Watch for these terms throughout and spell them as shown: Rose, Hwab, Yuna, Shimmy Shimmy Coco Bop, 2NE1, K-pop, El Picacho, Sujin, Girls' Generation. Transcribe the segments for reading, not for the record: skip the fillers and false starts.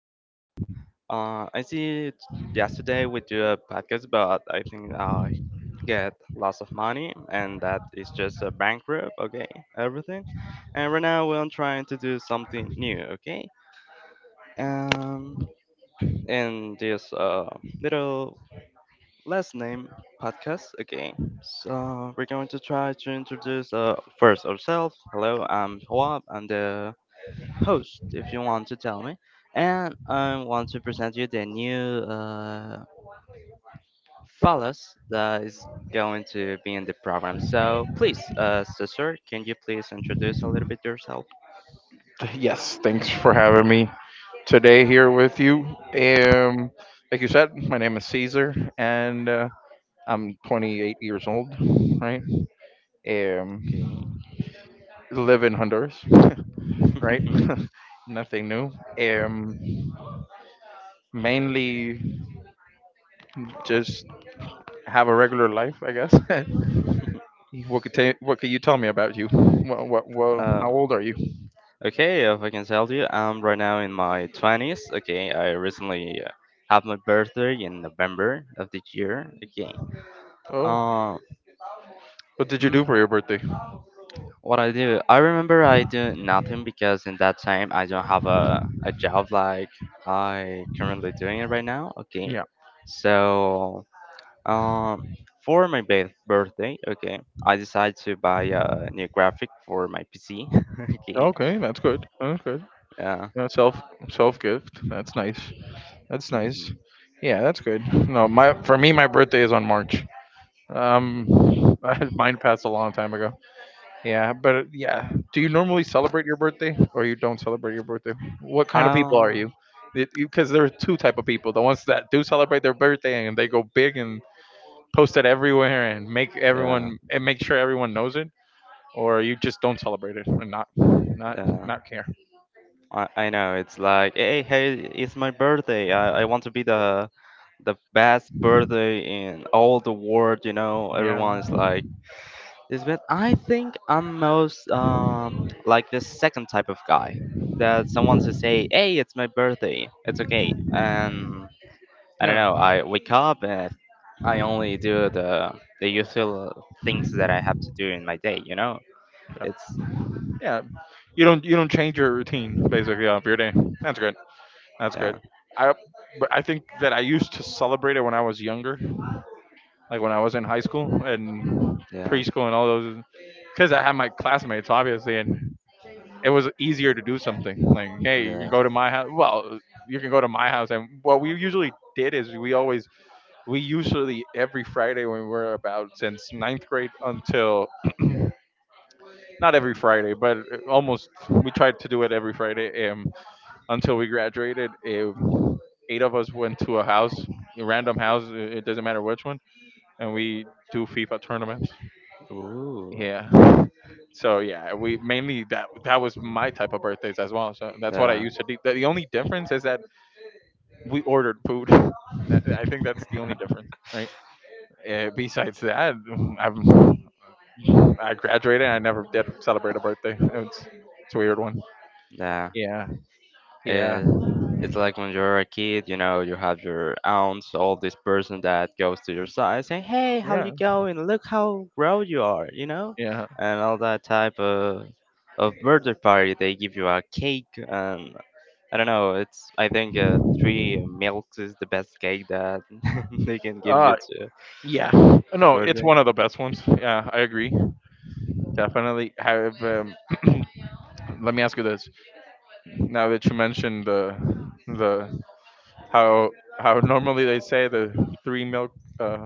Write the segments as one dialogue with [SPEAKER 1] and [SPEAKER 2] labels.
[SPEAKER 1] today I see it yesterday we do a podcast, but I think I get lots of money, and that is just a bankrupt. Okay, everything, and right now we're trying to do something new. Okay, um, in this little Let's name podcast again. So we're going to try to introduce first ourselves. Hello, I'm Hwab. I'm the host, if you want to tell me. And I want to present you the new fellas that is going to be in the program. So please, sister, can you please introduce a little bit yourself?
[SPEAKER 2] Yes, thanks for having me today here with you. Um, like you said, my name is Caesar, and I'm 28 years old, right?
[SPEAKER 1] Okay.
[SPEAKER 2] Um, Live in Honduras, right? Nothing new. Um, Mainly just have a regular life, I guess. What could you tell me about you? What How
[SPEAKER 1] uh,
[SPEAKER 2] old are you?
[SPEAKER 1] Okay, if I can tell you, I'm right now in my 20s. Okay, I recently had my birthday in November of the year. Okay.
[SPEAKER 2] Oh,
[SPEAKER 1] Uh,
[SPEAKER 2] what did you do
[SPEAKER 1] mm,
[SPEAKER 2] for your birthday?
[SPEAKER 1] what I do, I remember I do nothing because in that time I don't have a job like I currently doing it right now. Okay.
[SPEAKER 2] Yeah.
[SPEAKER 1] So, um, for my birthday, okay, I decided to buy a new graphic for my PC. Okay.
[SPEAKER 2] Okay, that's good. That's good.
[SPEAKER 1] Yeah.
[SPEAKER 2] Uh, self self gift. That's nice. That's nice.
[SPEAKER 1] Mhm.
[SPEAKER 2] Yeah, that's good. No, my for me, my birthday is on March. Um, mine passed a long time ago. Yeah, but yeah. Do you normally celebrate your birthday, or you don't celebrate your birthday? What kind of people are
[SPEAKER 1] Um,
[SPEAKER 2] you? Because there are two type of people: the ones that do celebrate their birthday and they go big and post it everywhere and make
[SPEAKER 1] yeah.
[SPEAKER 2] everyone and make sure everyone knows it, or you just don't celebrate it and not not
[SPEAKER 1] Yeah.
[SPEAKER 2] not care.
[SPEAKER 1] I know it's like, hey, hey, it's my birthday. I want to be the best birthday in all the world. You know,
[SPEAKER 2] Yeah.
[SPEAKER 1] everyone is like this. But I think I'm most like the second type of guy that someone to say, hey, it's my birthday. It's okay. And I don't
[SPEAKER 2] No.
[SPEAKER 1] know. I wake up and I only do the usual things that I have to do in my day. You know,
[SPEAKER 2] No.
[SPEAKER 1] it's
[SPEAKER 2] Yeah, you don't change your routine basically of your day. That's good. That's
[SPEAKER 1] yeah,
[SPEAKER 2] good. I but I think that I used to celebrate it when I was younger, like when I was in high school and
[SPEAKER 1] yeah,
[SPEAKER 2] preschool and all those, because I had my classmates obviously, and it was easier to do something like, hey, you can
[SPEAKER 1] yeah.
[SPEAKER 2] go to my house. Well, you can go to my house, and what we usually did is we usually every Friday when we were about since ninth grade until not every Friday, but almost we tried to do it every Friday until we graduated. Eight of us went to a house, a random house. It doesn't matter which one, and we do FIFA tournaments.
[SPEAKER 1] Ooh.
[SPEAKER 2] Yeah. So yeah, we mainly that was my type of birthdays as well. So that's what I
[SPEAKER 1] Yeah.
[SPEAKER 2] used to do. The only difference is that we ordered food. I think that's the only difference, right? Besides that, I'm, I graduated, and I never did celebrate a birthday. It's a weird one.
[SPEAKER 1] Yeah.
[SPEAKER 2] Yeah, yeah,
[SPEAKER 1] It, it's like when you're a kid, you know, you have your aunts, all this person that goes to your side saying, hey, how
[SPEAKER 2] yeah,
[SPEAKER 1] you going? Look how grown you are, you know?
[SPEAKER 2] yeah.
[SPEAKER 1] And all that type of birthday party. They give you a cake and I don't know, it's I think three milks is the best cake that they can give
[SPEAKER 2] Uh,
[SPEAKER 1] you to
[SPEAKER 2] yeah.
[SPEAKER 1] a
[SPEAKER 2] No, it's
[SPEAKER 1] birthday
[SPEAKER 2] one of the best ones. Yeah, I agree. Definitely. Have let me ask you this. Now that you mentioned the how how normally they say the three milk uh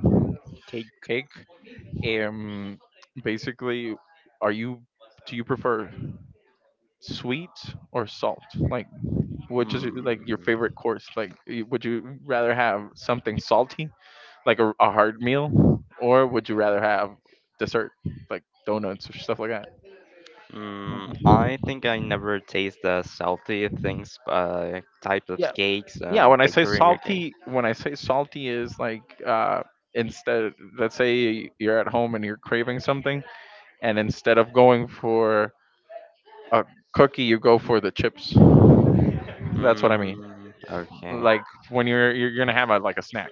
[SPEAKER 1] cake.
[SPEAKER 2] cake. Um, Basically, are you do you prefer sweet or salt? Like, which is like
[SPEAKER 1] Hmm.
[SPEAKER 2] your favorite course? Like, would you rather have something salty like a hard meal, or would you rather have dessert, like donuts or stuff like that?
[SPEAKER 1] Mm, I
[SPEAKER 2] Mhm.
[SPEAKER 1] think I never taste the salty things, types of
[SPEAKER 2] Yeah,
[SPEAKER 1] cakes
[SPEAKER 2] yeah.
[SPEAKER 1] and bakery again.
[SPEAKER 2] When I say salty is like instead, let's say you're at home and you're craving something, and instead of going for a cookie, you go for the chips. That's what I mean.
[SPEAKER 1] Mm, okay.
[SPEAKER 2] Like when you're gonna have like a snack.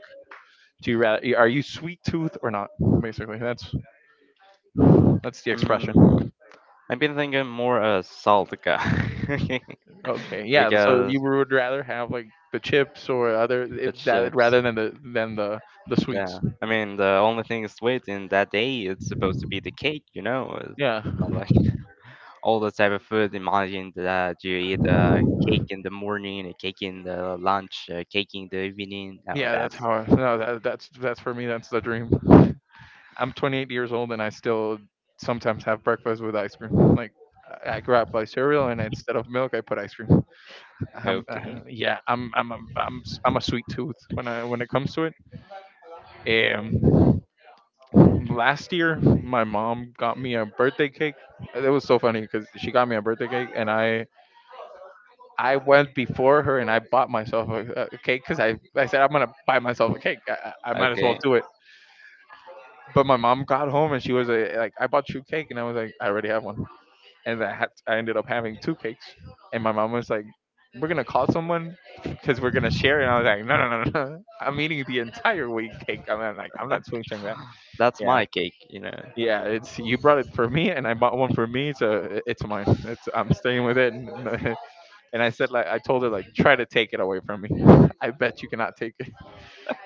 [SPEAKER 2] Are you sweet tooth or not? Basically, that's the expression.
[SPEAKER 1] Mm, I've been thinking more saltica
[SPEAKER 2] Okay, yeah. So you
[SPEAKER 1] because
[SPEAKER 2] would rather have like the chips or other
[SPEAKER 1] the
[SPEAKER 2] if that
[SPEAKER 1] chips.
[SPEAKER 2] rather than the sweets.
[SPEAKER 1] Yeah, I mean the only thing sweet in that day it's supposed to be the cake, you know.
[SPEAKER 2] Yeah,
[SPEAKER 1] Not like all the type of food. Imagine that you eat a cake in the morning, a cake in the lunch, a cake in the evening. Oh,
[SPEAKER 2] yeah. That's
[SPEAKER 1] that's
[SPEAKER 2] how. No, that's for me. That's the dream. I'm 28 years old and I still sometimes have breakfast with ice cream. Like I grew up by cereal and instead of milk I put ice cream. Um, uh,
[SPEAKER 1] okay.
[SPEAKER 2] yeah, I'm a sweet tooth when it comes to it. Last year my mom got me a birthday cake. It was so funny because she got me a birthday cake and I went before her and I bought myself a cake because I said I'm gonna buy myself a cake. I might as well
[SPEAKER 1] Okay.
[SPEAKER 2] do it, but my mom got home and she was like I bought you cake and I was like I already have one and I ended up having two cakes and my mom was like we're gonna call someone because we're gonna share and I was like no. I'm eating the entire week cake. I'm not switching that.
[SPEAKER 1] That's
[SPEAKER 2] Yeah.
[SPEAKER 1] my cake, you know.
[SPEAKER 2] Yeah, it's you brought it for me, and I bought one for me, so it's mine. It's I'm staying with it, and, and I said like I told her like try to take it away from me. I bet you cannot take it.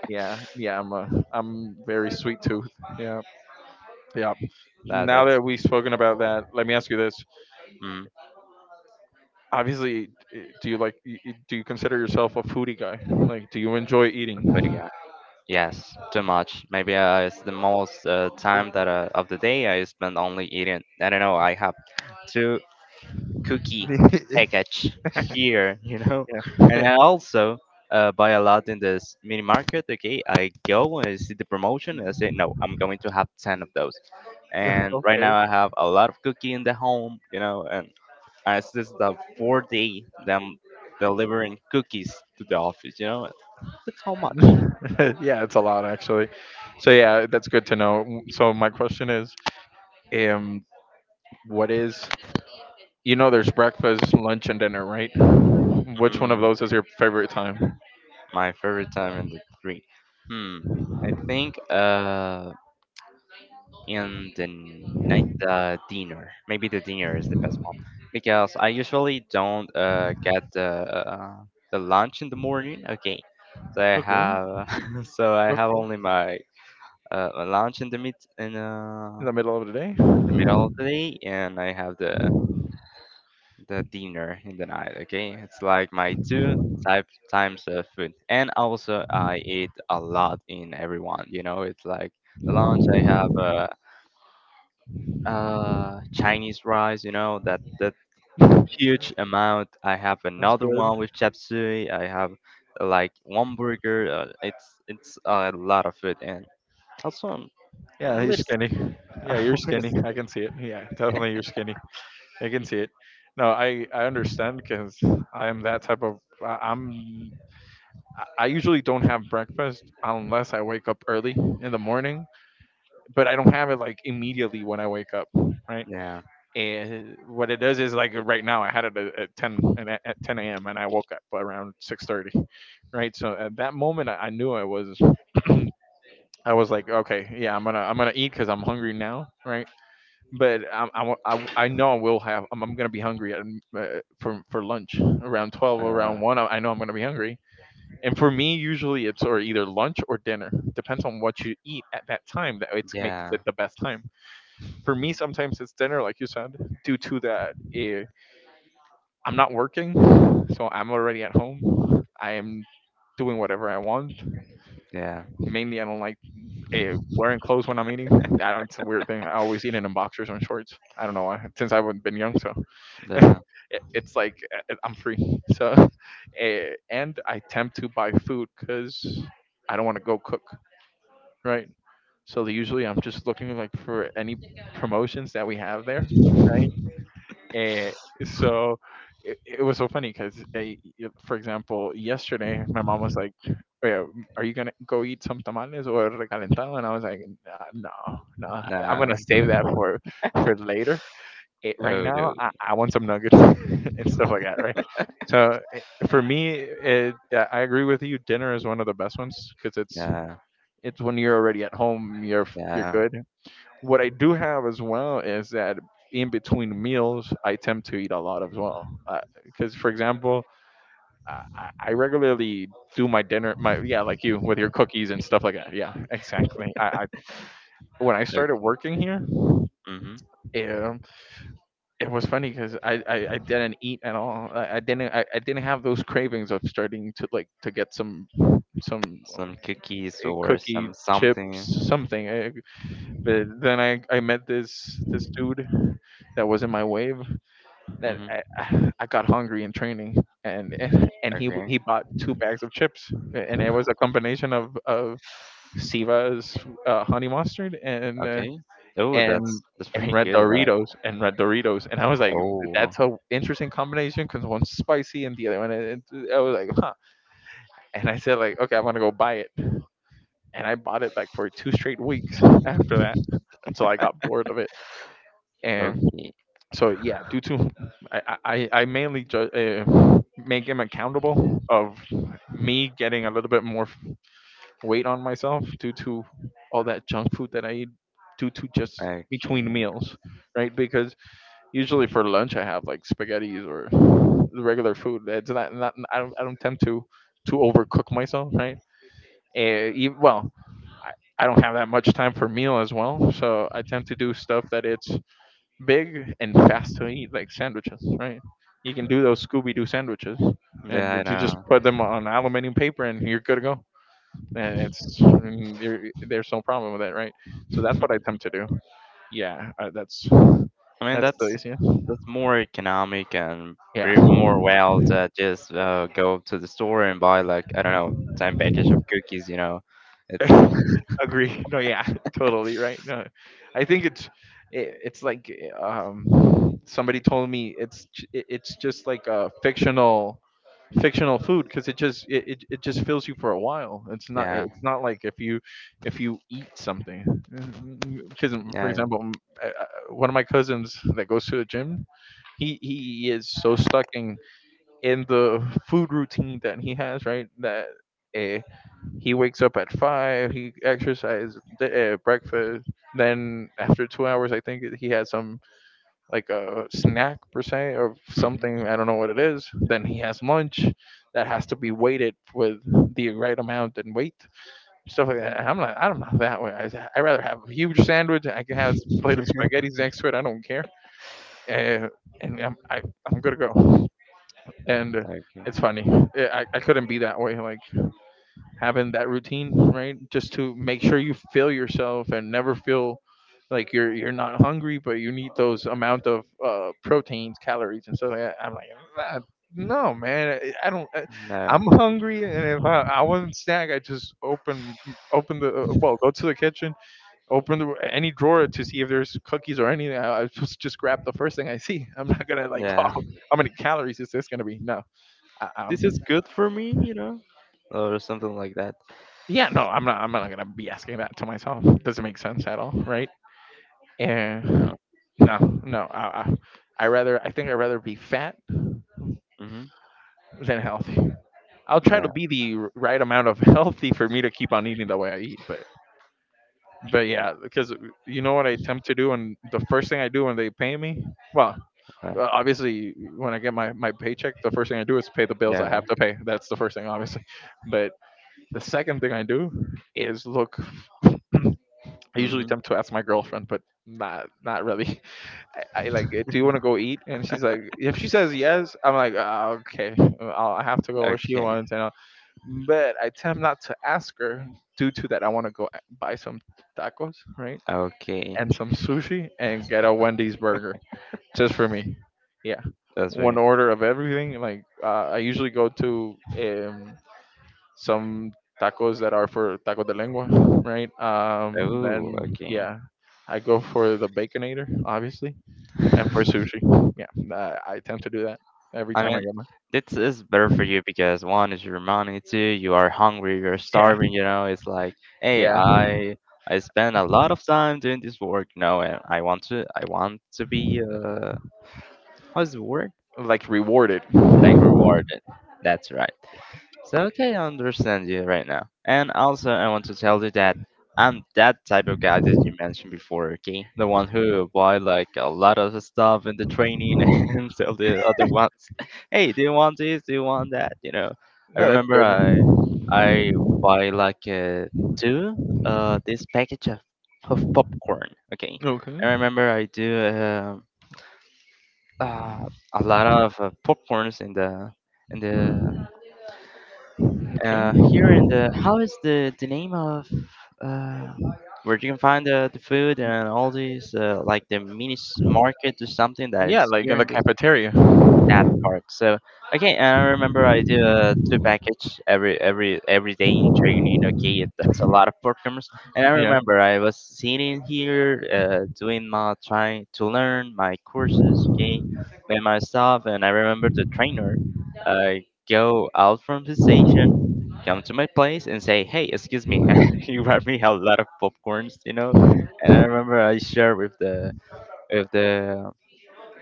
[SPEAKER 2] Yeah, yeah, I'm very sweet tooth. Yeah, yeah.
[SPEAKER 1] That
[SPEAKER 2] Now
[SPEAKER 1] that's
[SPEAKER 2] that we've spoken about that, let me ask you this.
[SPEAKER 1] mm,
[SPEAKER 2] Obviously, do you like do you consider yourself a foodie guy? Like, do you enjoy
[SPEAKER 1] a good
[SPEAKER 2] eating?
[SPEAKER 1] guy. Yes, too much. Maybe it's the most time that of the day I spend only eating. I don't know. I have two cookie package here, you know, and
[SPEAKER 2] yeah.
[SPEAKER 1] I also buy a lot in this mini market. Okay, I go and I see the promotion and I say no, I'm going to have ten of those. And right
[SPEAKER 2] okay.
[SPEAKER 1] now I have a lot of cookie in the home, you know, and as assets the fourth day them delivering cookies to the office. You know, look how much.
[SPEAKER 2] yeah, it's a lot actually. So yeah, that's good to know. So my question is, um, what is you know there's breakfast, lunch, and dinner, right? Which one of
[SPEAKER 1] Mm,
[SPEAKER 2] those is your favorite time?
[SPEAKER 1] my favorite time in the green. Hmm. I think in the night dinner. Maybe the dinner is the best one because I usually don't get the lunch in the morning. Okay, so I
[SPEAKER 2] Okay,
[SPEAKER 1] have so I have
[SPEAKER 2] okay,
[SPEAKER 1] only my my lunch in the mid
[SPEAKER 2] in the middle of the
[SPEAKER 1] in the
[SPEAKER 2] day.
[SPEAKER 1] middle of the day, and I have the dinner in the night. Okay, it's like my two type times of food, and also I eat a lot in everyone. You know, it's like the lunch I have Chinese rice. You know that huge amount. I have
[SPEAKER 2] That's
[SPEAKER 1] another
[SPEAKER 2] good.
[SPEAKER 1] one with chapsui. I have like one burger. It's a lot of food, and also
[SPEAKER 2] Yeah,
[SPEAKER 1] I'm a
[SPEAKER 2] he's
[SPEAKER 1] little.
[SPEAKER 2] skinny. Yeah, you're skinny.
[SPEAKER 1] S-
[SPEAKER 2] I can see it. Yeah, definitely you're skinny. I can see it. No, I understand because I'm that type of I usually don't have breakfast unless I wake up early in the morning but I don't have it like immediately when I wake up, right?
[SPEAKER 1] yeah,
[SPEAKER 2] And what it does is like right now I had it at 10 and at 10 a.m. and I woke up around 6:30, right? So at that moment I knew I was I was like, okay, yeah, I'm gonna eat because I'm hungry now, right? But I know I will have I'm gonna be hungry at, for lunch around 12
[SPEAKER 1] I know.
[SPEAKER 2] around one. I know I'm gonna be hungry, and for me usually it's or either lunch or dinner depends on what you eat at that time that it's make
[SPEAKER 1] Yeah,
[SPEAKER 2] the best time for me. Sometimes it's dinner like you said due to that I'm not working, so I'm already at home. I am doing whatever I want.
[SPEAKER 1] yeah.
[SPEAKER 2] Mainly I don't like wearing clothes when I'm eating. I don't It's a weird thing. I always eat in boxers and shorts. I don't know why, since I've been young. So
[SPEAKER 1] The
[SPEAKER 2] it's like I'm free, so and I attempt to buy food because I don't want to go cook, right? So usually I'm just looking like for any promotions that we have there, right? Eh, so it was so funny because, for example, yesterday my mom was like, "Wait, are you gonna go eat some tamales or recalentado?" And I was like, "No, no, I'm
[SPEAKER 1] nah.
[SPEAKER 2] gonna save that for later. Right
[SPEAKER 1] Oh
[SPEAKER 2] now, I want some nuggets and stuff like that, right?" So for me, yeah, I agree with you. Dinner is one of the best ones because
[SPEAKER 1] no.
[SPEAKER 2] it's when you're already at home, you're
[SPEAKER 1] Yeah,
[SPEAKER 2] good. What I do have as well is that in between meals, I tend to eat a lot as well. Because, for example, I, I regularly do my dinner, my yeah, like you with your cookies and stuff like that. Yeah, exactly. I when I started
[SPEAKER 1] turkey.
[SPEAKER 2] working here,
[SPEAKER 1] Mm-hmm.
[SPEAKER 2] yeah, it was funny because I didn't eat at all. I didn't have those cravings of starting to like to get some some uh,
[SPEAKER 1] Some cookies or
[SPEAKER 2] cookie
[SPEAKER 1] some something.
[SPEAKER 2] chips something. But then I met this dude that was in my wave that
[SPEAKER 1] Mm-hmm.
[SPEAKER 2] I got hungry in training and
[SPEAKER 1] Okay.
[SPEAKER 2] he bought two bags of chips and it was a combination of Siva's honey mustard and
[SPEAKER 1] Okay. Oh,
[SPEAKER 2] and
[SPEAKER 1] that's
[SPEAKER 2] and
[SPEAKER 1] pretty
[SPEAKER 2] red
[SPEAKER 1] good, right?
[SPEAKER 2] Doritos and I was like
[SPEAKER 1] Oh,
[SPEAKER 2] that's a interesting combination because one's spicy and the other one I was like huh, and I said like okay I want to go buy it, and I bought it like for two straight weeks after that until I got bored of it and.
[SPEAKER 1] okay.
[SPEAKER 2] So yeah, due to I make him accountable of me getting a little bit more weight on myself due to all that junk food that I eat due to just
[SPEAKER 1] Okay.
[SPEAKER 2] between meals, right? Because usually for lunch I have like spaghettis or the regular food. It's not. I don't tend to overcook myself, right? Uh, well I don't have that much time for meal as well, so I tend to do stuff that it's big and fast to eat, like sandwiches, right? You can do those Scooby Doo sandwiches,
[SPEAKER 1] Yeah,
[SPEAKER 2] and then
[SPEAKER 1] I
[SPEAKER 2] you just
[SPEAKER 1] know.
[SPEAKER 2] put them on aluminum paper, and you're good to go. And it's and there's no problem with that, right? So that's what I attempt to do. Yeah,
[SPEAKER 1] I mean,
[SPEAKER 2] that's the easiest.
[SPEAKER 1] that's more economic and
[SPEAKER 2] Yeah,
[SPEAKER 1] more well to just go to the store and buy like I don't know, ten package of cookies. You know, it's
[SPEAKER 2] agree. No, yeah, totally right. No, I think it's like somebody told me it's just like a fictional food because it just it just fills you for a while.
[SPEAKER 1] yeah,
[SPEAKER 2] It's not like if you eat something because for
[SPEAKER 1] yeah.
[SPEAKER 2] example one of my cousins that goes to the gym he is so stuck in the food routine that he has right that. eh, he wakes up at 5. He exercises, breakfast. Then after 2 hours, I think he has some like a snack per se or
[SPEAKER 1] Mhm.
[SPEAKER 2] something. I don't know what it is. Then he has lunch that has to be weighted with the right amount and weight stuff like that. I'm not. I'm not that way. I rather have a huge sandwich. I can have a plate of spaghetti next to it. I don't care. Uh, and I'm going to go. And
[SPEAKER 1] Okay.
[SPEAKER 2] it's funny. Yeah, I couldn't be that way. Like having that routine, right? Just to make sure you fill yourself and never feel like you're not hungry, but you need those amount of proteins, calories, and stuff like that. I'm like, "Nah, no, man, I don't.
[SPEAKER 1] No.
[SPEAKER 2] I'm hungry, and if I wasn't snack, I just open the go to the kitchen, open the, any drawer to see if there's cookies or anything. I just grab the first thing I see. I'm not gonna like,
[SPEAKER 1] Yeah.
[SPEAKER 2] oh, how many calories is this gonna be? No, I,
[SPEAKER 1] This
[SPEAKER 2] I'm
[SPEAKER 1] is good for me, you know, or something like that.
[SPEAKER 2] yeah, no, I'm not. I'm not gonna be asking that to myself. Doesn't make sense at all, right? And
[SPEAKER 1] No.
[SPEAKER 2] no, no. I rather. I think I would rather be fat
[SPEAKER 1] Mm-hmm.
[SPEAKER 2] than healthy. I'll try
[SPEAKER 1] Yeah.
[SPEAKER 2] to be the right amount of healthy for me to keep on eating the way I eat. But yeah, because you know what I attempt to do, and the first thing I do when they pay me, well,
[SPEAKER 1] Right.
[SPEAKER 2] obviously when I get my paycheck, the first thing I do is pay the bills I
[SPEAKER 1] Yeah.
[SPEAKER 2] have to pay. That's the first thing, obviously. But the second thing I do is look I usually
[SPEAKER 1] Mm-hmm.
[SPEAKER 2] tend to ask my girlfriend, but not really. I like, do you want to go eat? And she's like, if she says yes, I'm like, "Ah, okay, I have to go where she
[SPEAKER 1] Okay.
[SPEAKER 2] wants. But I tend not to ask her due to that. I want to go buy some tacos, right,
[SPEAKER 1] Okay.
[SPEAKER 2] and some sushi, and get a Wendy's burger just for me. Yeah,
[SPEAKER 1] That's for
[SPEAKER 2] one
[SPEAKER 1] you.
[SPEAKER 2] order of everything. Like, I usually go to some tacos that are for taco de lengua, right?
[SPEAKER 1] Oh.
[SPEAKER 2] Then
[SPEAKER 1] Okay.
[SPEAKER 2] yeah, I go for the baconator, obviously, and for sushi. Yeah, I tend to do that every
[SPEAKER 1] I
[SPEAKER 2] time
[SPEAKER 1] mean,
[SPEAKER 2] I get my
[SPEAKER 1] this is better for you because one is your money, two you are hungry, you're
[SPEAKER 2] yeah,
[SPEAKER 1] starving. You know, it's like, hey,
[SPEAKER 2] yeah,
[SPEAKER 1] I spend a lot of time doing this work. No, and I want to be how's the word
[SPEAKER 2] like rewarded.
[SPEAKER 1] like
[SPEAKER 2] No,
[SPEAKER 1] rewarded. That's right. So okay, I understand you right now. And also, I want to tell you that I'm that type of guy that you mentioned before, okay? The one who buy like a lot of stuff in the training and tell the other ones, "Hey, do you want this? Do you want that?" You know. I
[SPEAKER 2] that's
[SPEAKER 1] remember
[SPEAKER 2] good.
[SPEAKER 1] I I buy like two this package of popcorn, okay?
[SPEAKER 2] Okay,
[SPEAKER 1] I remember I do uh, a lot of popcorns in the
[SPEAKER 2] okay,
[SPEAKER 1] here in the how is the name of uh, where you can find the food and all these like the mini market or something that
[SPEAKER 2] yeah,
[SPEAKER 1] is
[SPEAKER 2] like
[SPEAKER 1] here
[SPEAKER 2] in
[SPEAKER 1] in
[SPEAKER 2] the
[SPEAKER 1] this
[SPEAKER 2] cafeteria.
[SPEAKER 1] that part. So okay, and I remember I do a two package every day in training. Okay, it, that's a lot of programmers. And I
[SPEAKER 2] Yeah,
[SPEAKER 1] remember I was sitting here doing my trying to learn my courses. Okay, and my stuff. And I remember the trainer uh, go out from the station come to my place and say, "Hey, excuse me, you brought me a lot of popcorns," you know. And I remember I shared with the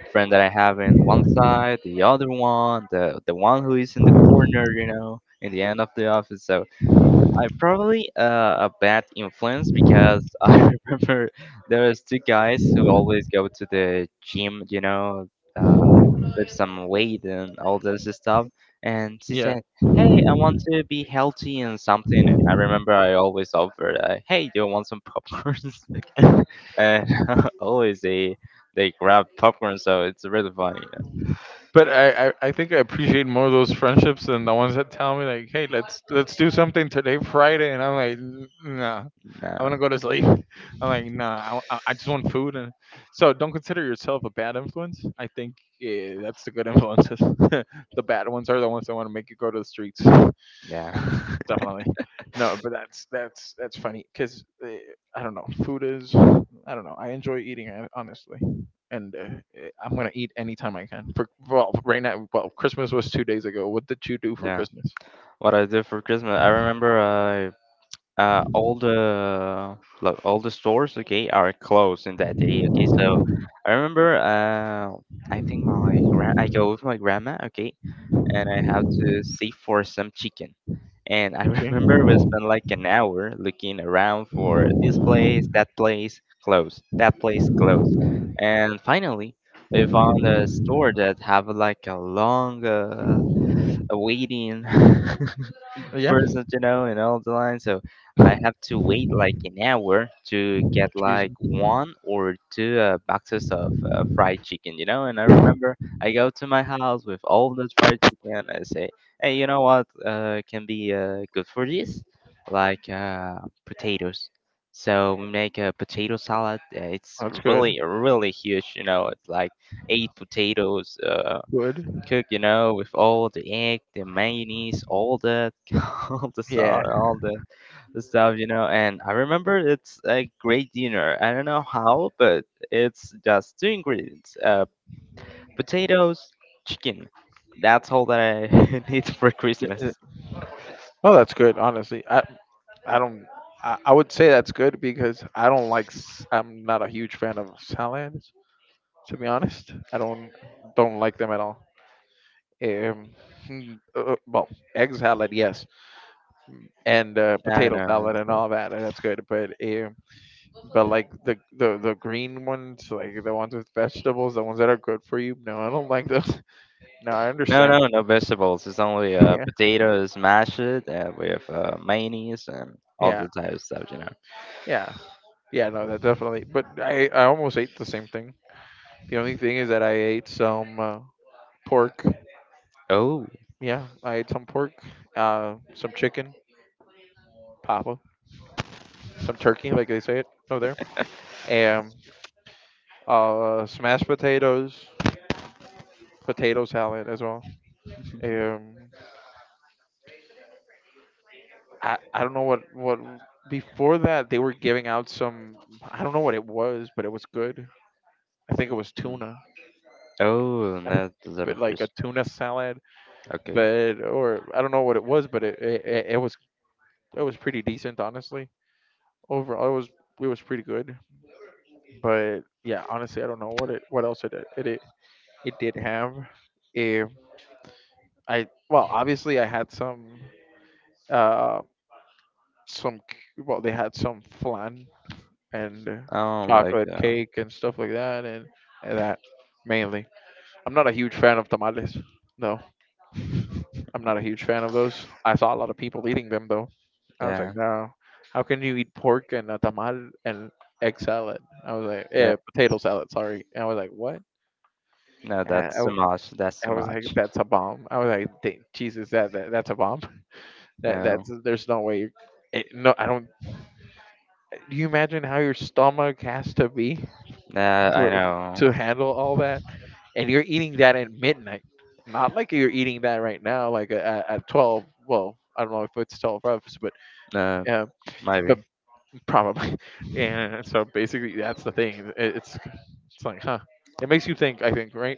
[SPEAKER 1] friend that I have in one side, the other one, the one who is in the corner, you know, in the end of the office. So I probably a bad influence because I remember there was two guys who always go to the gym, you know, uh, with some weight and all this stuff. And she
[SPEAKER 2] yeah.
[SPEAKER 1] said, "Hey, I want to be healthy and something." And I remember I always offered, "Hey, do you want some popcorns?" Okay. And always they grab popcorn, so it's really funny.
[SPEAKER 2] But I think I appreciate more those friendships than the ones that tell me like, hey, let's do something today, Friday, and I'm like, Nah, I want
[SPEAKER 1] No,
[SPEAKER 2] to go to sleep. I'm like, nah, I, w- I just want food. And so, don't consider yourself a bad influence. I think that's the good influences. the bad ones are the ones that want to make you go to the streets
[SPEAKER 1] yeah,
[SPEAKER 2] definitely. No, but that's funny because I don't know. Food is I don't know. I enjoy eating it honestly, and I'm gonna eat anytime I can. For well, right now, well, Christmas was 2 days ago. What did you do for
[SPEAKER 1] yeah.
[SPEAKER 2] Christmas?
[SPEAKER 1] What I did for Christmas, I remember all the like all the stores okay are closed in that day okay so I remember I think my I go with my grandma okay and I have to save for some chicken and I
[SPEAKER 2] Okay.
[SPEAKER 1] remember we spent like an hour looking around for this place that place closed and finally we found a store that have like a long a waiting
[SPEAKER 2] Yeah.
[SPEAKER 1] person, you know, and all the line. So I have to wait like an hour to get
[SPEAKER 2] Cheese.
[SPEAKER 1] like one or two boxes of fried chicken, you know. And I remember I go to my house with all that fried chicken. I say, hey, you know what can be good for this? Like potatoes. So we make a potato salad. It's
[SPEAKER 2] That's good.
[SPEAKER 1] really, really huge. You know, it's like eight potatoes.
[SPEAKER 2] Good.
[SPEAKER 1] Cook, you know, with all the egg, the mayonnaise, all that, all the
[SPEAKER 2] Yeah.
[SPEAKER 1] sauce, all the stuff, you know. And I remember it's a great dinner. I don't know how, but it's just two ingredients: potatoes, chicken. That's all that I need for Christmas.
[SPEAKER 2] Uh, uh, Oh, that's good. Honestly, I don't. I would say that's good because I don't like. I'm not a huge fan of salads. To be honest, I don't like them at all. Um, well, egg salad, yes, and
[SPEAKER 1] I
[SPEAKER 2] potato
[SPEAKER 1] know.
[SPEAKER 2] salad and all that, and that's good. But like the green ones, like the ones with vegetables, the ones that are good for you. No, I don't like those. No, I
[SPEAKER 1] No,
[SPEAKER 2] understand.
[SPEAKER 1] no, no vegetables. It's only
[SPEAKER 2] Yeah,
[SPEAKER 1] potatoes mashed with mayonnaise and all
[SPEAKER 2] yeah,
[SPEAKER 1] the type of stuff, you know.
[SPEAKER 2] yeah, yeah. No, that definitely. But I almost ate the same thing. The only thing is that I ate some pork.
[SPEAKER 1] Oh,
[SPEAKER 2] Yeah, I ate some pork. Some chicken, papa, some turkey, like they say it over there. Smashed potatoes, potato salad as well. Um, I don't know what before that they were giving out some I don't know what it was, but it was good. I think it was
[SPEAKER 1] mm.
[SPEAKER 2] tuna.
[SPEAKER 1] Oh,
[SPEAKER 2] I,
[SPEAKER 1] that's a lot
[SPEAKER 2] but
[SPEAKER 1] of
[SPEAKER 2] like a
[SPEAKER 1] fish.
[SPEAKER 2] tuna salad,
[SPEAKER 1] Okay.
[SPEAKER 2] but or I don't know what it was, but it was pretty decent honestly. Overall, it was pretty good. But yeah, honestly, I don't know what it what else it did have. If I well, obviously I had some. Um, some well they had some flan and
[SPEAKER 1] Oh my
[SPEAKER 2] chocolate
[SPEAKER 1] god.
[SPEAKER 2] cake and stuff like that and that mainly I'm not a huge fan of tamales. No, I'm not a huge fan of those. I saw a lot of people eating them though. I was like
[SPEAKER 1] Yeah.
[SPEAKER 2] no, how can you eat pork and a tamal and egg salad. I was like
[SPEAKER 1] Yeah.
[SPEAKER 2] potato salad sorry, and I was like what.
[SPEAKER 1] No,
[SPEAKER 2] i, I
[SPEAKER 1] that's too
[SPEAKER 2] w-
[SPEAKER 1] much. That's
[SPEAKER 2] I
[SPEAKER 1] too
[SPEAKER 2] was like
[SPEAKER 1] much.
[SPEAKER 2] that's a bomb. I was like Jesus that's a bomb, that that's
[SPEAKER 1] No.
[SPEAKER 2] there's no way it, no I don't. Do you imagine how your stomach has to be
[SPEAKER 1] I
[SPEAKER 2] for,
[SPEAKER 1] know.
[SPEAKER 2] to handle all that, and you're eating that at midnight. Not like you're eating that right now, like at twelve. Well, I don't know if it's 12 hours, but
[SPEAKER 1] Uh,
[SPEAKER 2] yeah,
[SPEAKER 1] maybe.
[SPEAKER 2] but probably. And so basically, that's the thing. It's like, huh? It makes you think. I think, right?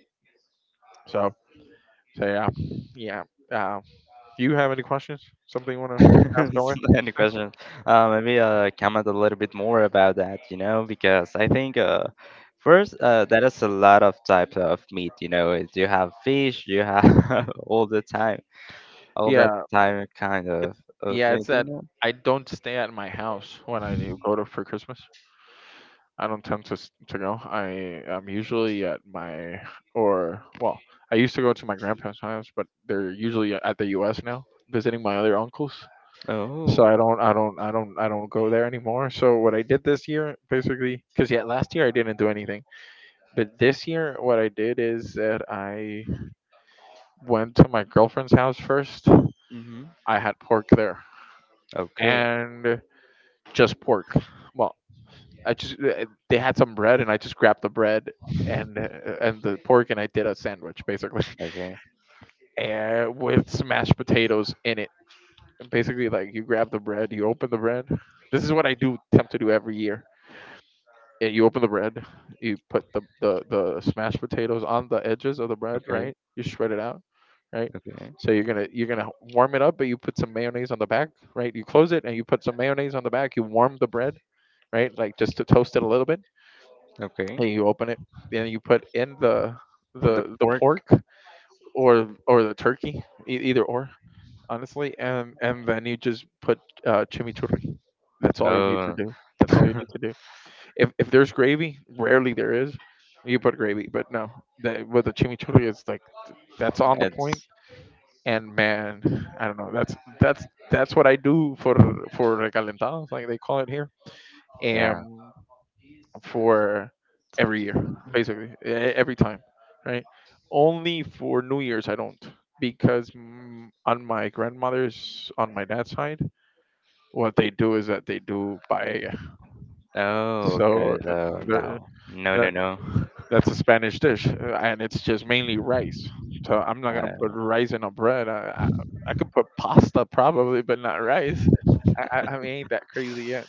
[SPEAKER 2] So, so yeah, yeah. Uh, do you have any questions? Something you want to ask
[SPEAKER 1] It's
[SPEAKER 2] away?
[SPEAKER 1] not any question? Maybe comment a little bit more about that, you know, because I think first that is a lot of types of meat, you know. It- You have fish, you have all the time, all that
[SPEAKER 2] Yeah,
[SPEAKER 1] time kind
[SPEAKER 2] it's
[SPEAKER 1] of
[SPEAKER 2] yeah. It's
[SPEAKER 1] meat, you
[SPEAKER 2] that
[SPEAKER 1] know.
[SPEAKER 2] I don't stay at my house when I do go to for Christmas. I don't tend to to go. I am usually at my or well, I used to go to my grandparents' house, but they're usually at the U.S. now, visiting my other uncles. So
[SPEAKER 1] Oh.
[SPEAKER 2] I don't go there anymore. So what I did this year, basically, because yeah, last year I didn't do anything, but this year what I did is that I went to my girlfriend's house first.
[SPEAKER 1] Mm-hmm.
[SPEAKER 2] I had pork there
[SPEAKER 1] Okay.
[SPEAKER 2] and just pork. Well, I just they had some bread, and I just grabbed the bread and the pork, and I did a sandwich basically,
[SPEAKER 1] Okay.
[SPEAKER 2] and with smashed potatoes in it. And basically, like you grab the bread, you open the bread. This is what I do attempt to do every year. And you open the bread, you put the smashed potatoes on the edges of the bread,
[SPEAKER 1] Okay.
[SPEAKER 2] right? You spread it out, right?
[SPEAKER 1] Okay.
[SPEAKER 2] So you're gonna warm it up, but you put some mayonnaise on the back, right? You close it and you put some mayonnaise on the back. You warm the bread, right? Like just to toast it a little bit, and
[SPEAKER 1] Okay.
[SPEAKER 2] you open it and you put in
[SPEAKER 1] The
[SPEAKER 2] the
[SPEAKER 1] pork.
[SPEAKER 2] pork or the turkey, e- either or honestly, and then you just put chimichurri.
[SPEAKER 1] Oh,
[SPEAKER 2] That's all you need to do. If there's gravy rarely there is, you put gravy, but no, that with the chimichurri it's like that's on the
[SPEAKER 1] it's
[SPEAKER 2] point. And man, I don't know, that's what I do for recalentados like they call it here,
[SPEAKER 1] yeah.
[SPEAKER 2] and for every year, basically every time, right? Only for New Year's I don't, because on my grandmother's on my dad's side, what they do is that they do paella.
[SPEAKER 1] Oh,
[SPEAKER 2] So
[SPEAKER 1] okay. So
[SPEAKER 2] the-
[SPEAKER 1] no, no, no,
[SPEAKER 2] that
[SPEAKER 1] no.
[SPEAKER 2] that's a Spanish dish, and it's just mainly rice. So I'm not gonna put
[SPEAKER 1] Uh,
[SPEAKER 2] rice in a bread. I could put pasta probably, but not rice. I mean, ain't that crazy yet.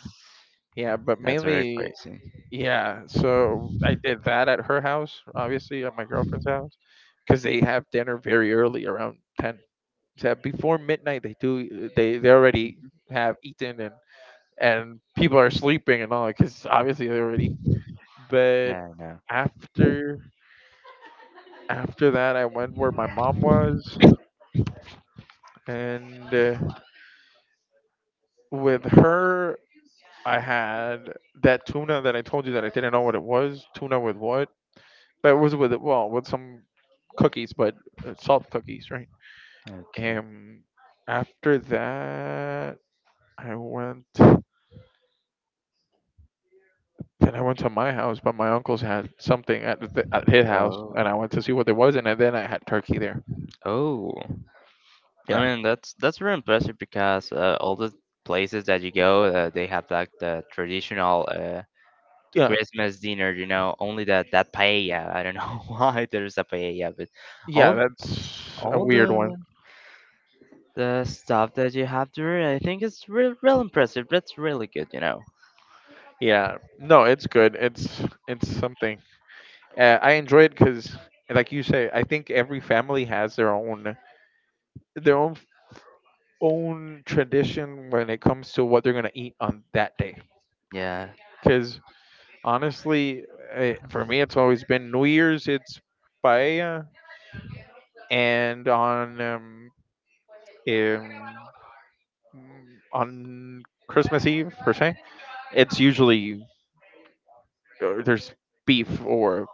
[SPEAKER 2] Yeah, but
[SPEAKER 1] that's very
[SPEAKER 2] mainly
[SPEAKER 1] crazy.
[SPEAKER 2] yeah, so I did that at her house, obviously at my girlfriend's house, because they have dinner very early, around 10. So before midnight, they already have eaten and people are sleeping and all, because obviously they're already. But
[SPEAKER 1] Yeah, no.
[SPEAKER 2] after after that, I went where my mom was, and with her, I had that tuna that I told you that I didn't know what it was, tuna with what. But it was with, well, with some cookies, but salt cookies, right?
[SPEAKER 1] Okay.
[SPEAKER 2] And after that, I went. Then I went to my house, but my uncles had something at the, at his house,
[SPEAKER 1] Oh,
[SPEAKER 2] and I went to see what there was, and then I had turkey there.
[SPEAKER 1] oh. I
[SPEAKER 2] Yeah,
[SPEAKER 1] mean, that's very impressive because all the places that you go, they have like the traditional
[SPEAKER 2] yeah,
[SPEAKER 1] Christmas dinner. You know, only that that paella. I don't know why there's a paella, but
[SPEAKER 2] yeah.
[SPEAKER 1] all
[SPEAKER 2] That's a
[SPEAKER 1] all
[SPEAKER 2] weird one.
[SPEAKER 1] the stuff that you have to read, I think it's real, real impressive. That's really good, you know.
[SPEAKER 2] Yeah, no, it's good. It's something. I enjoy it because, like you say, I think every family has their own tradition when it comes to what they're going to eat on that day.
[SPEAKER 1] Yeah,
[SPEAKER 2] Because honestly, for me, it's always been New Year's, it's paella, and um, on Christmas Eve per se, it's usually there's beef or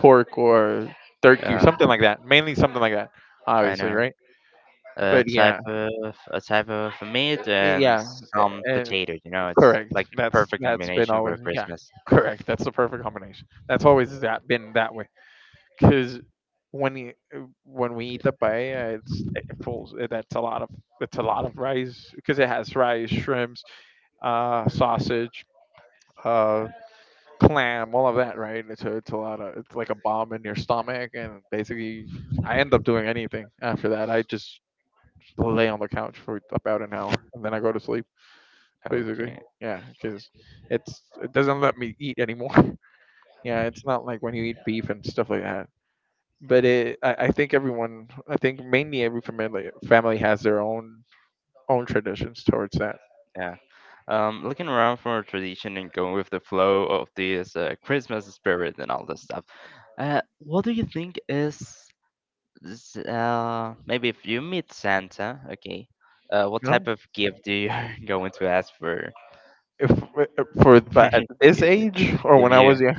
[SPEAKER 2] pork or turkey or
[SPEAKER 1] yeah,
[SPEAKER 2] something like that. Mainly something like that,
[SPEAKER 1] I
[SPEAKER 2] obviously,
[SPEAKER 1] know.
[SPEAKER 2] right? But yeah,
[SPEAKER 1] A type of meat and
[SPEAKER 2] yeah, eh,
[SPEAKER 1] some
[SPEAKER 2] eh,
[SPEAKER 1] potatoes. You know, it's
[SPEAKER 2] correct.
[SPEAKER 1] like the
[SPEAKER 2] That's
[SPEAKER 1] perfect
[SPEAKER 2] that's been
[SPEAKER 1] combination for
[SPEAKER 2] always, yeah.
[SPEAKER 1] Christmas.
[SPEAKER 2] Correct. That's the perfect combination. That's always that been that way. Cause when you when we eat the paella, it's it pulls that's a lot of it's a lot of rice because it has rice, shrimps, sausage, uh, clam, all of that, right? It's a lot of it's like a bomb in your stomach, and basically I end up doing anything after that. I just lay on the couch for about an hour and then I go to sleep basically.
[SPEAKER 1] Okay,
[SPEAKER 2] Yeah, because it doesn't let me eat anymore. Yeah, it's not like when you eat beef and stuff like that. But it, I think everyone, I think mainly every family has their own traditions towards that.
[SPEAKER 1] yeah. Looking around for a tradition and going with the flow of this Christmas spirit and all this stuff. What do you think is maybe if you meet Santa, okay, what
[SPEAKER 2] You
[SPEAKER 1] type
[SPEAKER 2] know,
[SPEAKER 1] of gift do you going to ask for?
[SPEAKER 2] if if for
[SPEAKER 1] For
[SPEAKER 2] but at
[SPEAKER 1] him to
[SPEAKER 2] this
[SPEAKER 1] give,
[SPEAKER 2] age or
[SPEAKER 1] give
[SPEAKER 2] when I
[SPEAKER 1] you
[SPEAKER 2] was young,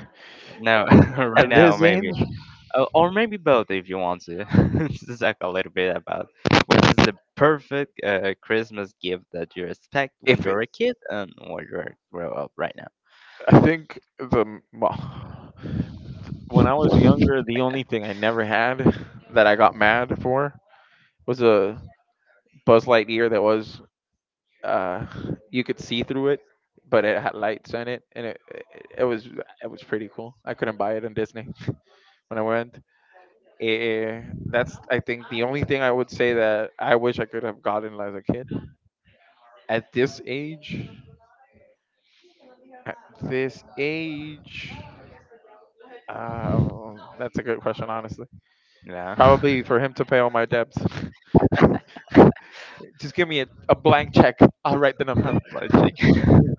[SPEAKER 1] no right
[SPEAKER 2] at
[SPEAKER 1] now
[SPEAKER 2] this
[SPEAKER 1] maybe,
[SPEAKER 2] age,
[SPEAKER 1] or maybe both if you want to. Just talk a little bit about what is the perfect Christmas gift that you expect when
[SPEAKER 2] if it,
[SPEAKER 1] you're a kid and when you're grow up right now.
[SPEAKER 2] I think the, well, when I was younger, the only thing I never had that I got mad for was a Buzz Lightyear that was uh you could see through it, but it had lights on it, and it, it was, it was pretty cool. I couldn't buy it on Disney. When I went, eh, that's I think the only thing I would say that I wish I could have gotten as a kid. At this age, at this age, that's a good question, honestly.
[SPEAKER 1] Yeah,
[SPEAKER 2] Probably for him to pay all my debts. Just give me a blank check. I'll write the
[SPEAKER 1] I've
[SPEAKER 2] number.
[SPEAKER 1] logic.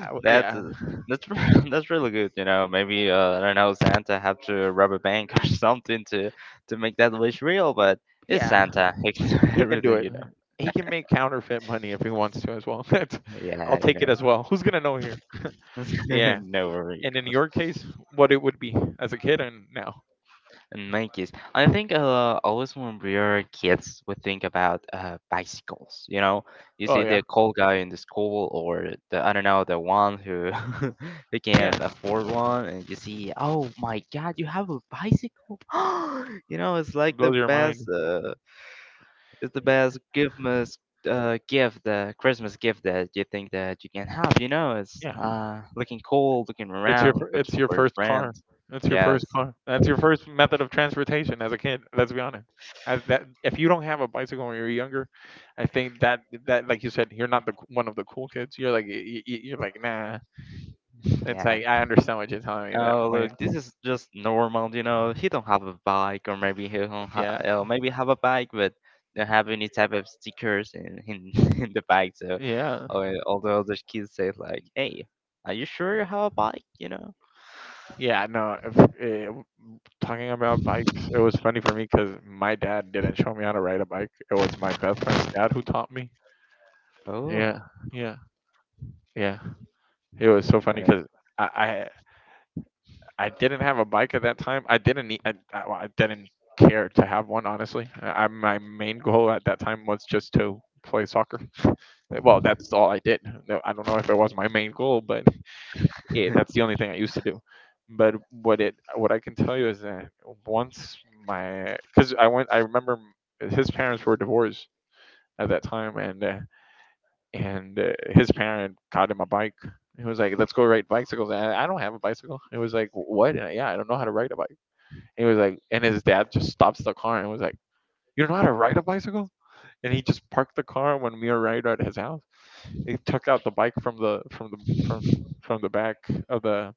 [SPEAKER 2] Yeah.
[SPEAKER 1] That's uh, that's that's really good. You know, maybe I don't know Santa have to rob a bank or something to make that wish real. But it's
[SPEAKER 2] Yeah.
[SPEAKER 1] Santa. He can do
[SPEAKER 2] He can do
[SPEAKER 1] everything.
[SPEAKER 2] it.
[SPEAKER 1] You know.
[SPEAKER 2] He can make counterfeit money if he wants to as well. That's, I'll
[SPEAKER 1] Yeah.
[SPEAKER 2] take it
[SPEAKER 1] You
[SPEAKER 2] as well. Who's gonna know here?
[SPEAKER 1] know.
[SPEAKER 2] Yeah.
[SPEAKER 1] No worries.
[SPEAKER 2] And in your case, what it would be as a kid and now.
[SPEAKER 1] In my case, I think always when we are kids, we think about bicycles. You know, you
[SPEAKER 2] Oh
[SPEAKER 1] see
[SPEAKER 2] yeah,
[SPEAKER 1] the cool guy in the school, or the I don't know, the one who who
[SPEAKER 2] yeah.
[SPEAKER 1] can afford one, and you see, oh my God, you have a bicycle! You know, it's
[SPEAKER 2] It
[SPEAKER 1] like the
[SPEAKER 2] blows your
[SPEAKER 1] best.
[SPEAKER 2] mind.
[SPEAKER 1] It's the
[SPEAKER 2] Y-
[SPEAKER 1] best Christmas gift, the Christmas gift that you think that you can have. You know, it's
[SPEAKER 2] Yeah.
[SPEAKER 1] looking cool, looking
[SPEAKER 2] It's your
[SPEAKER 1] around,
[SPEAKER 2] fir-
[SPEAKER 1] good
[SPEAKER 2] it's your
[SPEAKER 1] for your
[SPEAKER 2] first car.
[SPEAKER 1] friends.
[SPEAKER 2] That's your first
[SPEAKER 1] Yes,
[SPEAKER 2] car. That's your first method of transportation as a kid. Let's be honest. As that, if you don't have a bicycle when you're younger, I think that that, like you said, you're not one of the cool kids. You're like you're like nah. It's
[SPEAKER 1] yeah.
[SPEAKER 2] like I understand what you're telling me at that
[SPEAKER 1] Oh, look,
[SPEAKER 2] point.
[SPEAKER 1] this is just normal, you know. He don't have a bike, or maybe he don't ha
[SPEAKER 2] Yeah,
[SPEAKER 1] maybe have a bike, but don't have any type of stickers in in the bike. So,
[SPEAKER 2] yeah.
[SPEAKER 1] all the other kids say like, "Hey, are you sure you have a bike?" You know.
[SPEAKER 2] Yeah, no. If, talking about bikes, it was funny for me because my dad didn't show me how to ride a bike. It was my best friend's dad who taught me.
[SPEAKER 1] Oh,
[SPEAKER 2] Yeah, yeah, yeah. It was so funny
[SPEAKER 1] uh,
[SPEAKER 2] because I, I I didn't have a bike at that time. I didn't need. I Well, I didn't care to have one. Honestly, I my main goal at that time was just to play soccer. Well, that's all I did. No, I don't know if it was my main goal, but it. That's the only thing I used to do. But what it what I can tell you is that once my because I went I remember his parents were divorced at that time, and his parent got him a bike. He was like, "Let's go ride bicycles." And I don't have a bicycle. It was like, "What?" And I, yeah, I don't know how to ride a bike. And he was like, and his dad just stops the car and was like, "You don't know how to ride a bicycle?" And he just parked the car when we arrived at his house. He took out the bike from the from the from the back of the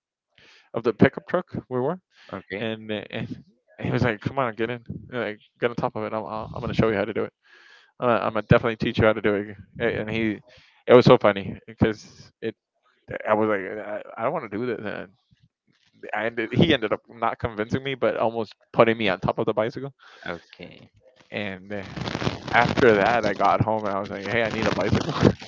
[SPEAKER 2] of the pickup truck we were,
[SPEAKER 1] okay,
[SPEAKER 2] and and he was like, "Come on, get in, like, get on top of it. I'm gonna show you how to do it. I'm gonna definitely teach you how to do it." And he, it was so funny because it. I was like, I don't want to do this. And he ended up not convincing me, but almost putting me on top of the bicycle.
[SPEAKER 1] okay.
[SPEAKER 2] And after that, I got home and I was like, "Hey, I need a bicycle."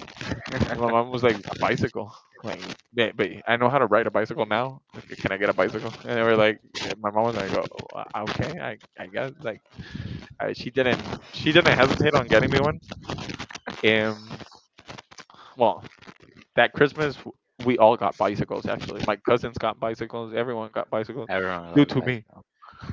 [SPEAKER 2] And my mom was like, "A bicycle." Like, "Yeah, but I know how to ride a bicycle now. Okay, can I get a bicycle?" And they were like, and my mom was like, "Oh, okay, I guess." Like, I, she didn't hesitate on getting me one. And well, that Christmas we all got bicycles. Actually, my cousins got bicycles. Everyone got bicycles
[SPEAKER 1] Everyone
[SPEAKER 2] due
[SPEAKER 1] loves
[SPEAKER 2] to
[SPEAKER 1] bike
[SPEAKER 2] me.
[SPEAKER 1] now.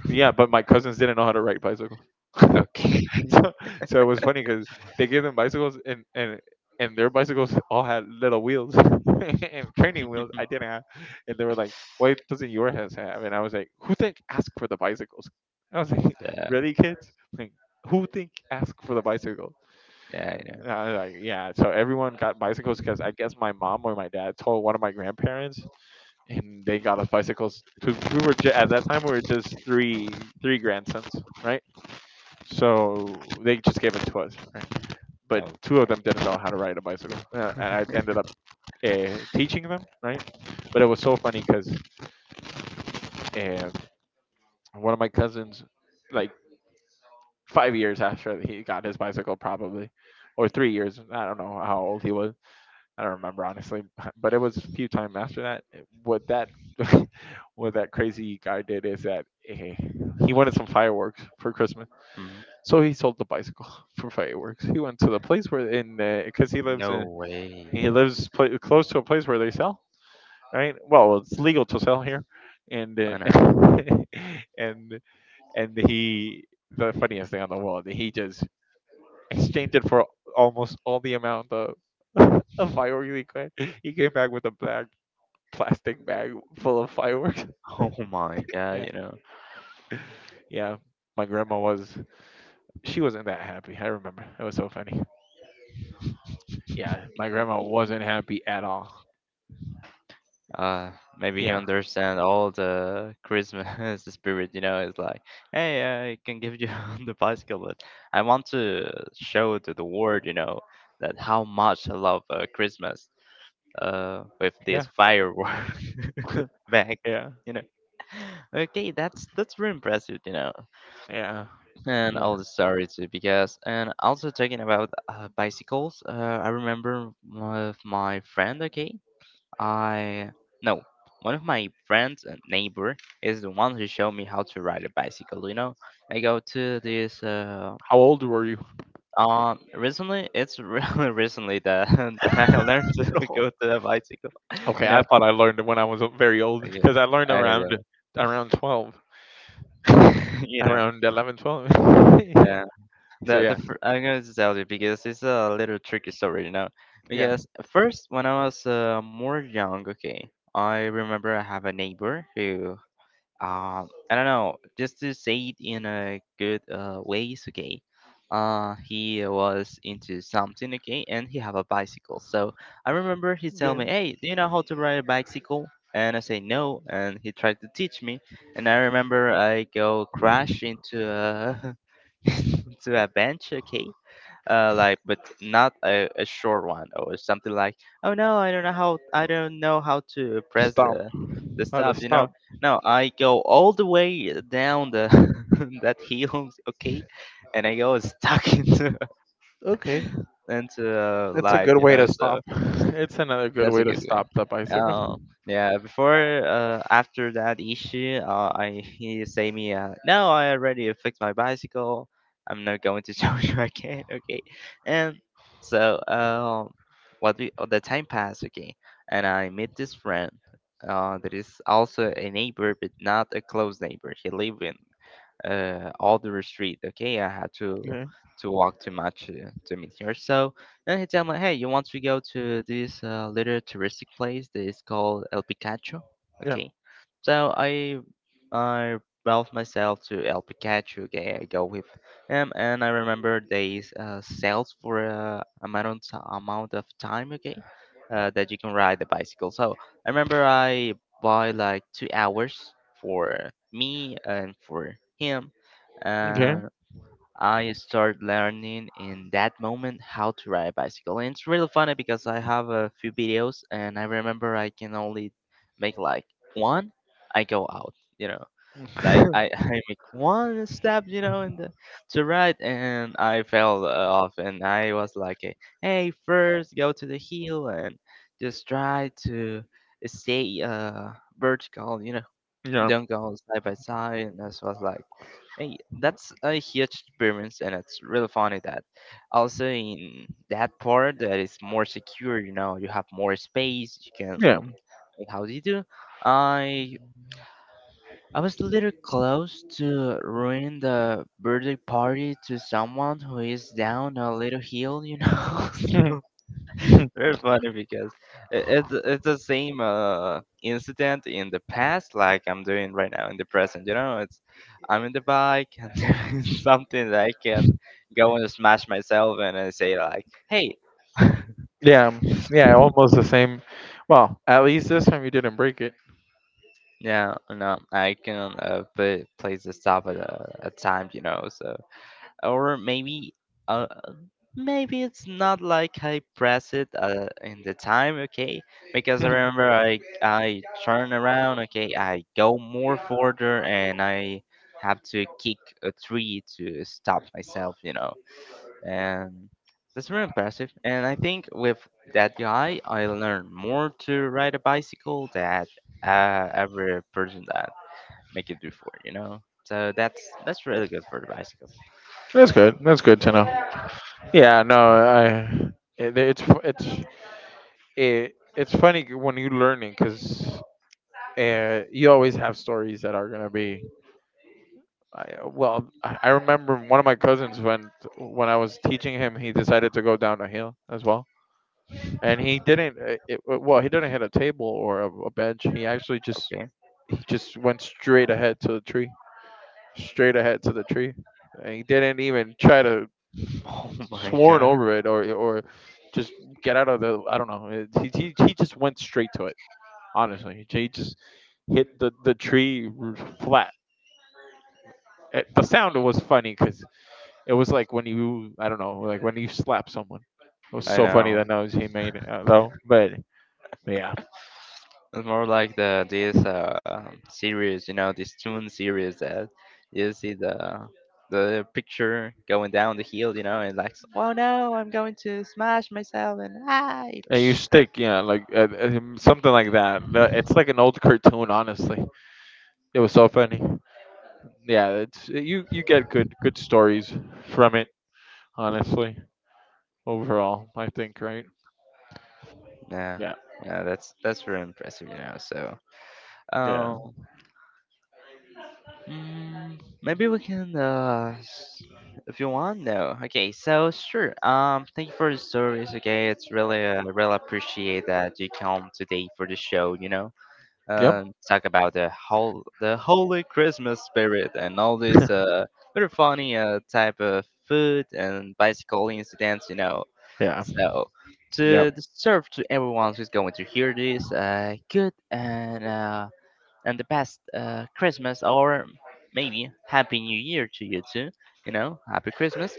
[SPEAKER 2] Yeah, but my cousins didn't know how to ride bicycles.
[SPEAKER 1] Okay.
[SPEAKER 2] So, so it was funny because they gave them bicycles and their bicycles all had little wheels and training wheels I didn't have, and they were like, "Why doesn't your has have?" And I was like, "Who think ask for the bicycles?" I was like,
[SPEAKER 1] Yeah,
[SPEAKER 2] "Really, kids? Like, who think ask for the bicycle?"
[SPEAKER 1] yeah, I know.
[SPEAKER 2] And I was like, "Yeah." So everyone got bicycles because I guess my mom or my dad told one of my grandparents, and they got us bicycles to we were ju- at that time we were just three grandsons, right? So they just gave it to us, right? But
[SPEAKER 1] Oh,
[SPEAKER 2] two of them didn't know how to ride a bicycle, and I ended up teaching them, right? But it was so funny because uh, one of my cousins, like 5 years after he got his bicycle, probably, or 3 years. I don't know how old he was. I don't remember, honestly, but it was a few time after that. What that what that crazy guy did is that he wanted some fireworks for Christmas,
[SPEAKER 1] mhm.
[SPEAKER 2] so he sold the bicycle for fireworks. He went to the place where in because he lives
[SPEAKER 1] No
[SPEAKER 2] in.
[SPEAKER 1] way.
[SPEAKER 2] He lives pla close to a place where they sell, right? Well, it's legal to sell here, and
[SPEAKER 1] I know.
[SPEAKER 2] and and he the funniest thing on the world, he just exchanged it for almost all the amount of of fireworks he could. He came back with a black plastic bag full of fireworks.
[SPEAKER 1] Oh my God,
[SPEAKER 2] Yeah,
[SPEAKER 1] you know.
[SPEAKER 2] yeah. My grandma was, she wasn't that happy. I remember it was so funny. Yeah, my grandma wasn't happy at all.
[SPEAKER 1] Uh, Maybe he
[SPEAKER 2] Yeah,
[SPEAKER 1] understand all the Christmas spirit, you know. It's like, hey, I can give you the bicycle, but I want to show to the world, you know, that how much I love Christmas. With
[SPEAKER 2] yeah,
[SPEAKER 1] this firework back,
[SPEAKER 2] yeah,
[SPEAKER 1] you know. Okay, that's very impressive, you know,
[SPEAKER 2] yeah,
[SPEAKER 1] and
[SPEAKER 2] yeah.
[SPEAKER 1] all the stories because and also talking about bicycles. I remember with my friend, okay, I no. One of my friends and neighbor is the one who showed me how to ride a bicycle. You know, I go to this.
[SPEAKER 2] How old were you?
[SPEAKER 1] Recently, it's really recently that that I learned to
[SPEAKER 2] No.
[SPEAKER 1] go to the bicycle.
[SPEAKER 2] Okay,
[SPEAKER 1] You
[SPEAKER 2] I
[SPEAKER 1] know,
[SPEAKER 2] thought I learned when I was very old
[SPEAKER 1] okay,
[SPEAKER 2] because I learned
[SPEAKER 1] I,
[SPEAKER 2] around
[SPEAKER 1] uh,
[SPEAKER 2] around 12,
[SPEAKER 1] you know,
[SPEAKER 2] around 11, 12. Yeah.
[SPEAKER 1] the
[SPEAKER 2] So yeah,
[SPEAKER 1] the fir- I'm going to tell you because it's a little tricky story. You know,
[SPEAKER 2] yeah.
[SPEAKER 1] because first when I was more young, okay, I remember I have a neighbor who I don't know, just to say it in a good ways, okay. He was into something, okay, and he have a bicycle. So I remember he tell me,
[SPEAKER 2] Game.
[SPEAKER 1] "Hey, do you know how to ride a bicycle?" And I say no, and he tried to teach me. And I remember I go crash into a into a bench, okay, like but not a short one or something like, "Oh no, I don't know how I don't know how to press
[SPEAKER 2] Stop.
[SPEAKER 1] the
[SPEAKER 2] How to
[SPEAKER 1] stop," you
[SPEAKER 2] stop.
[SPEAKER 1] know no, I go all the way down the that hill, okay, and I go stuck
[SPEAKER 2] Okay,
[SPEAKER 1] into
[SPEAKER 2] that's a
[SPEAKER 1] light,
[SPEAKER 2] good
[SPEAKER 1] you
[SPEAKER 2] way
[SPEAKER 1] know
[SPEAKER 2] to
[SPEAKER 1] so
[SPEAKER 2] stop. It's another good
[SPEAKER 1] that's
[SPEAKER 2] way
[SPEAKER 1] a
[SPEAKER 2] to
[SPEAKER 1] good way.
[SPEAKER 2] stop the bicycle.
[SPEAKER 1] Oh, yeah. Before, after that issue, I he say me, no, I already fixed my bicycle. I'm not going to show you again, okay? And so, what we the time passed, okay, and I meet this friend, that is also a neighbor, but not a close neighbor. He live in all the street. Okay, I had to
[SPEAKER 2] Okay.
[SPEAKER 1] walk too much to meet here. So then he told me, hey, you want to go to this little touristic place that is called El Picacho?
[SPEAKER 2] Yeah.
[SPEAKER 1] Okay, so I brought myself to El Picacho. Okay, I go with him, and I remember they sales for a amount of ti- amount of time. Okay. That you can ride the bicycle. So I remember I by like 2 hours for me and for him.
[SPEAKER 2] Okay.
[SPEAKER 1] And I start learning in that moment how to ride a bicycle. And it's really funny because I have a few videos and I remember I can only make like one. I go out, you know like I make one step, you know, in the to right, and I fell off, and I was like, eh, "Hey, first go to the heel and just try to stay vertical, you know,
[SPEAKER 2] Yeah.
[SPEAKER 1] don't go side by side." And this was like, "Hey, that's a huge experience, and it's really funny that also in that part that is more secure, you know, you have more space, you can
[SPEAKER 2] Yeah.
[SPEAKER 1] like how do you do?" I I was a little close to ruining the birthday party to someone who is down a little hill, you know. So, very funny because it's the same incident in the past, like I'm doing right now in the present. You know, it's I'm in the bike and there's something that I can go and smash myself, and I say like, "Hey,
[SPEAKER 2] Yeah. Yeah. Almost the same. Well, at least this time you didn't break it.
[SPEAKER 1] yeah, no, I can place the stop at a time," you know. So or maybe uh, maybe it's not like I press it in the time, okay? Because I
[SPEAKER 2] Mhm.
[SPEAKER 1] remember I turn around, okay, I go more further and I have to kick a tree to stop myself, you know. And that's very impressive. And I think with that guy, I learned more to ride a bicycle than every person that make it before, you know. So that's really good for the bicycle.
[SPEAKER 2] That's good. That's good to know. Yeah, no, I it, it's fu- it's it, it's funny when you're learning because you always have stories that are gonna be. I, well, I remember one of my cousins when I was teaching him, he decided to go down a hill as well, and he didn't. Well, he didn't hit a table or a bench. He actually just
[SPEAKER 1] Okay.
[SPEAKER 2] he just went straight ahead to the tree, straight ahead to the tree, and he didn't even try to
[SPEAKER 1] Oh my
[SPEAKER 2] sworn
[SPEAKER 1] God.
[SPEAKER 2] over it or just get out of the, I don't know. He just went straight to it. Honestly, he just hit the tree flat. The sound was funny because it was like when you, I don't know, like when you slap someone. It was
[SPEAKER 1] I
[SPEAKER 2] so funny
[SPEAKER 1] know.
[SPEAKER 2] that knows he made it though, but. Yeah,
[SPEAKER 1] It's more like the this series, you know, this tune series that you see the picture going down the hill, you know, and like, oh no, I'm going to smash myself and ah,
[SPEAKER 2] and you stick, yeah, like something like that. It's like an old cartoon, honestly. It was so funny. Yeah, it's you get good stories from it, honestly, overall, I think, right?
[SPEAKER 1] yeah,
[SPEAKER 2] Yeah.
[SPEAKER 1] yeah, that's very impressive, you know. So,
[SPEAKER 2] Yeah.
[SPEAKER 1] um, mm, maybe we can, if you want, though. Okay, so sure. Thank you for the stories. Okay, it's really, really appreciate that you come today for the show. You know,
[SPEAKER 2] Yep.
[SPEAKER 1] talk about the holy Christmas spirit and all these, very funny, type of food and bicycle incidents. You know,
[SPEAKER 2] Yeah.
[SPEAKER 1] so
[SPEAKER 2] Yep.
[SPEAKER 1] to serve to everyone who's going to hear this, good and the best Christmas or maybe Happy New Year to you too. You know, Happy Christmas.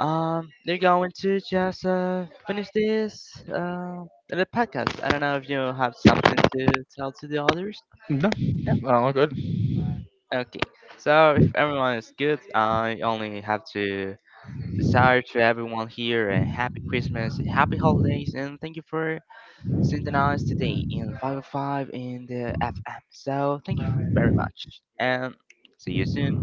[SPEAKER 1] They're going to just finish this the podcast. I don't know if you have something to tell to the others.
[SPEAKER 2] No.
[SPEAKER 1] No.
[SPEAKER 2] All good.
[SPEAKER 1] Okay. So if everyone is good, I only have to desire to everyone here a happy Christmas, a happy holidays, and thank you for synchronized today in 505 in the FM. So thank you very much and see you soon.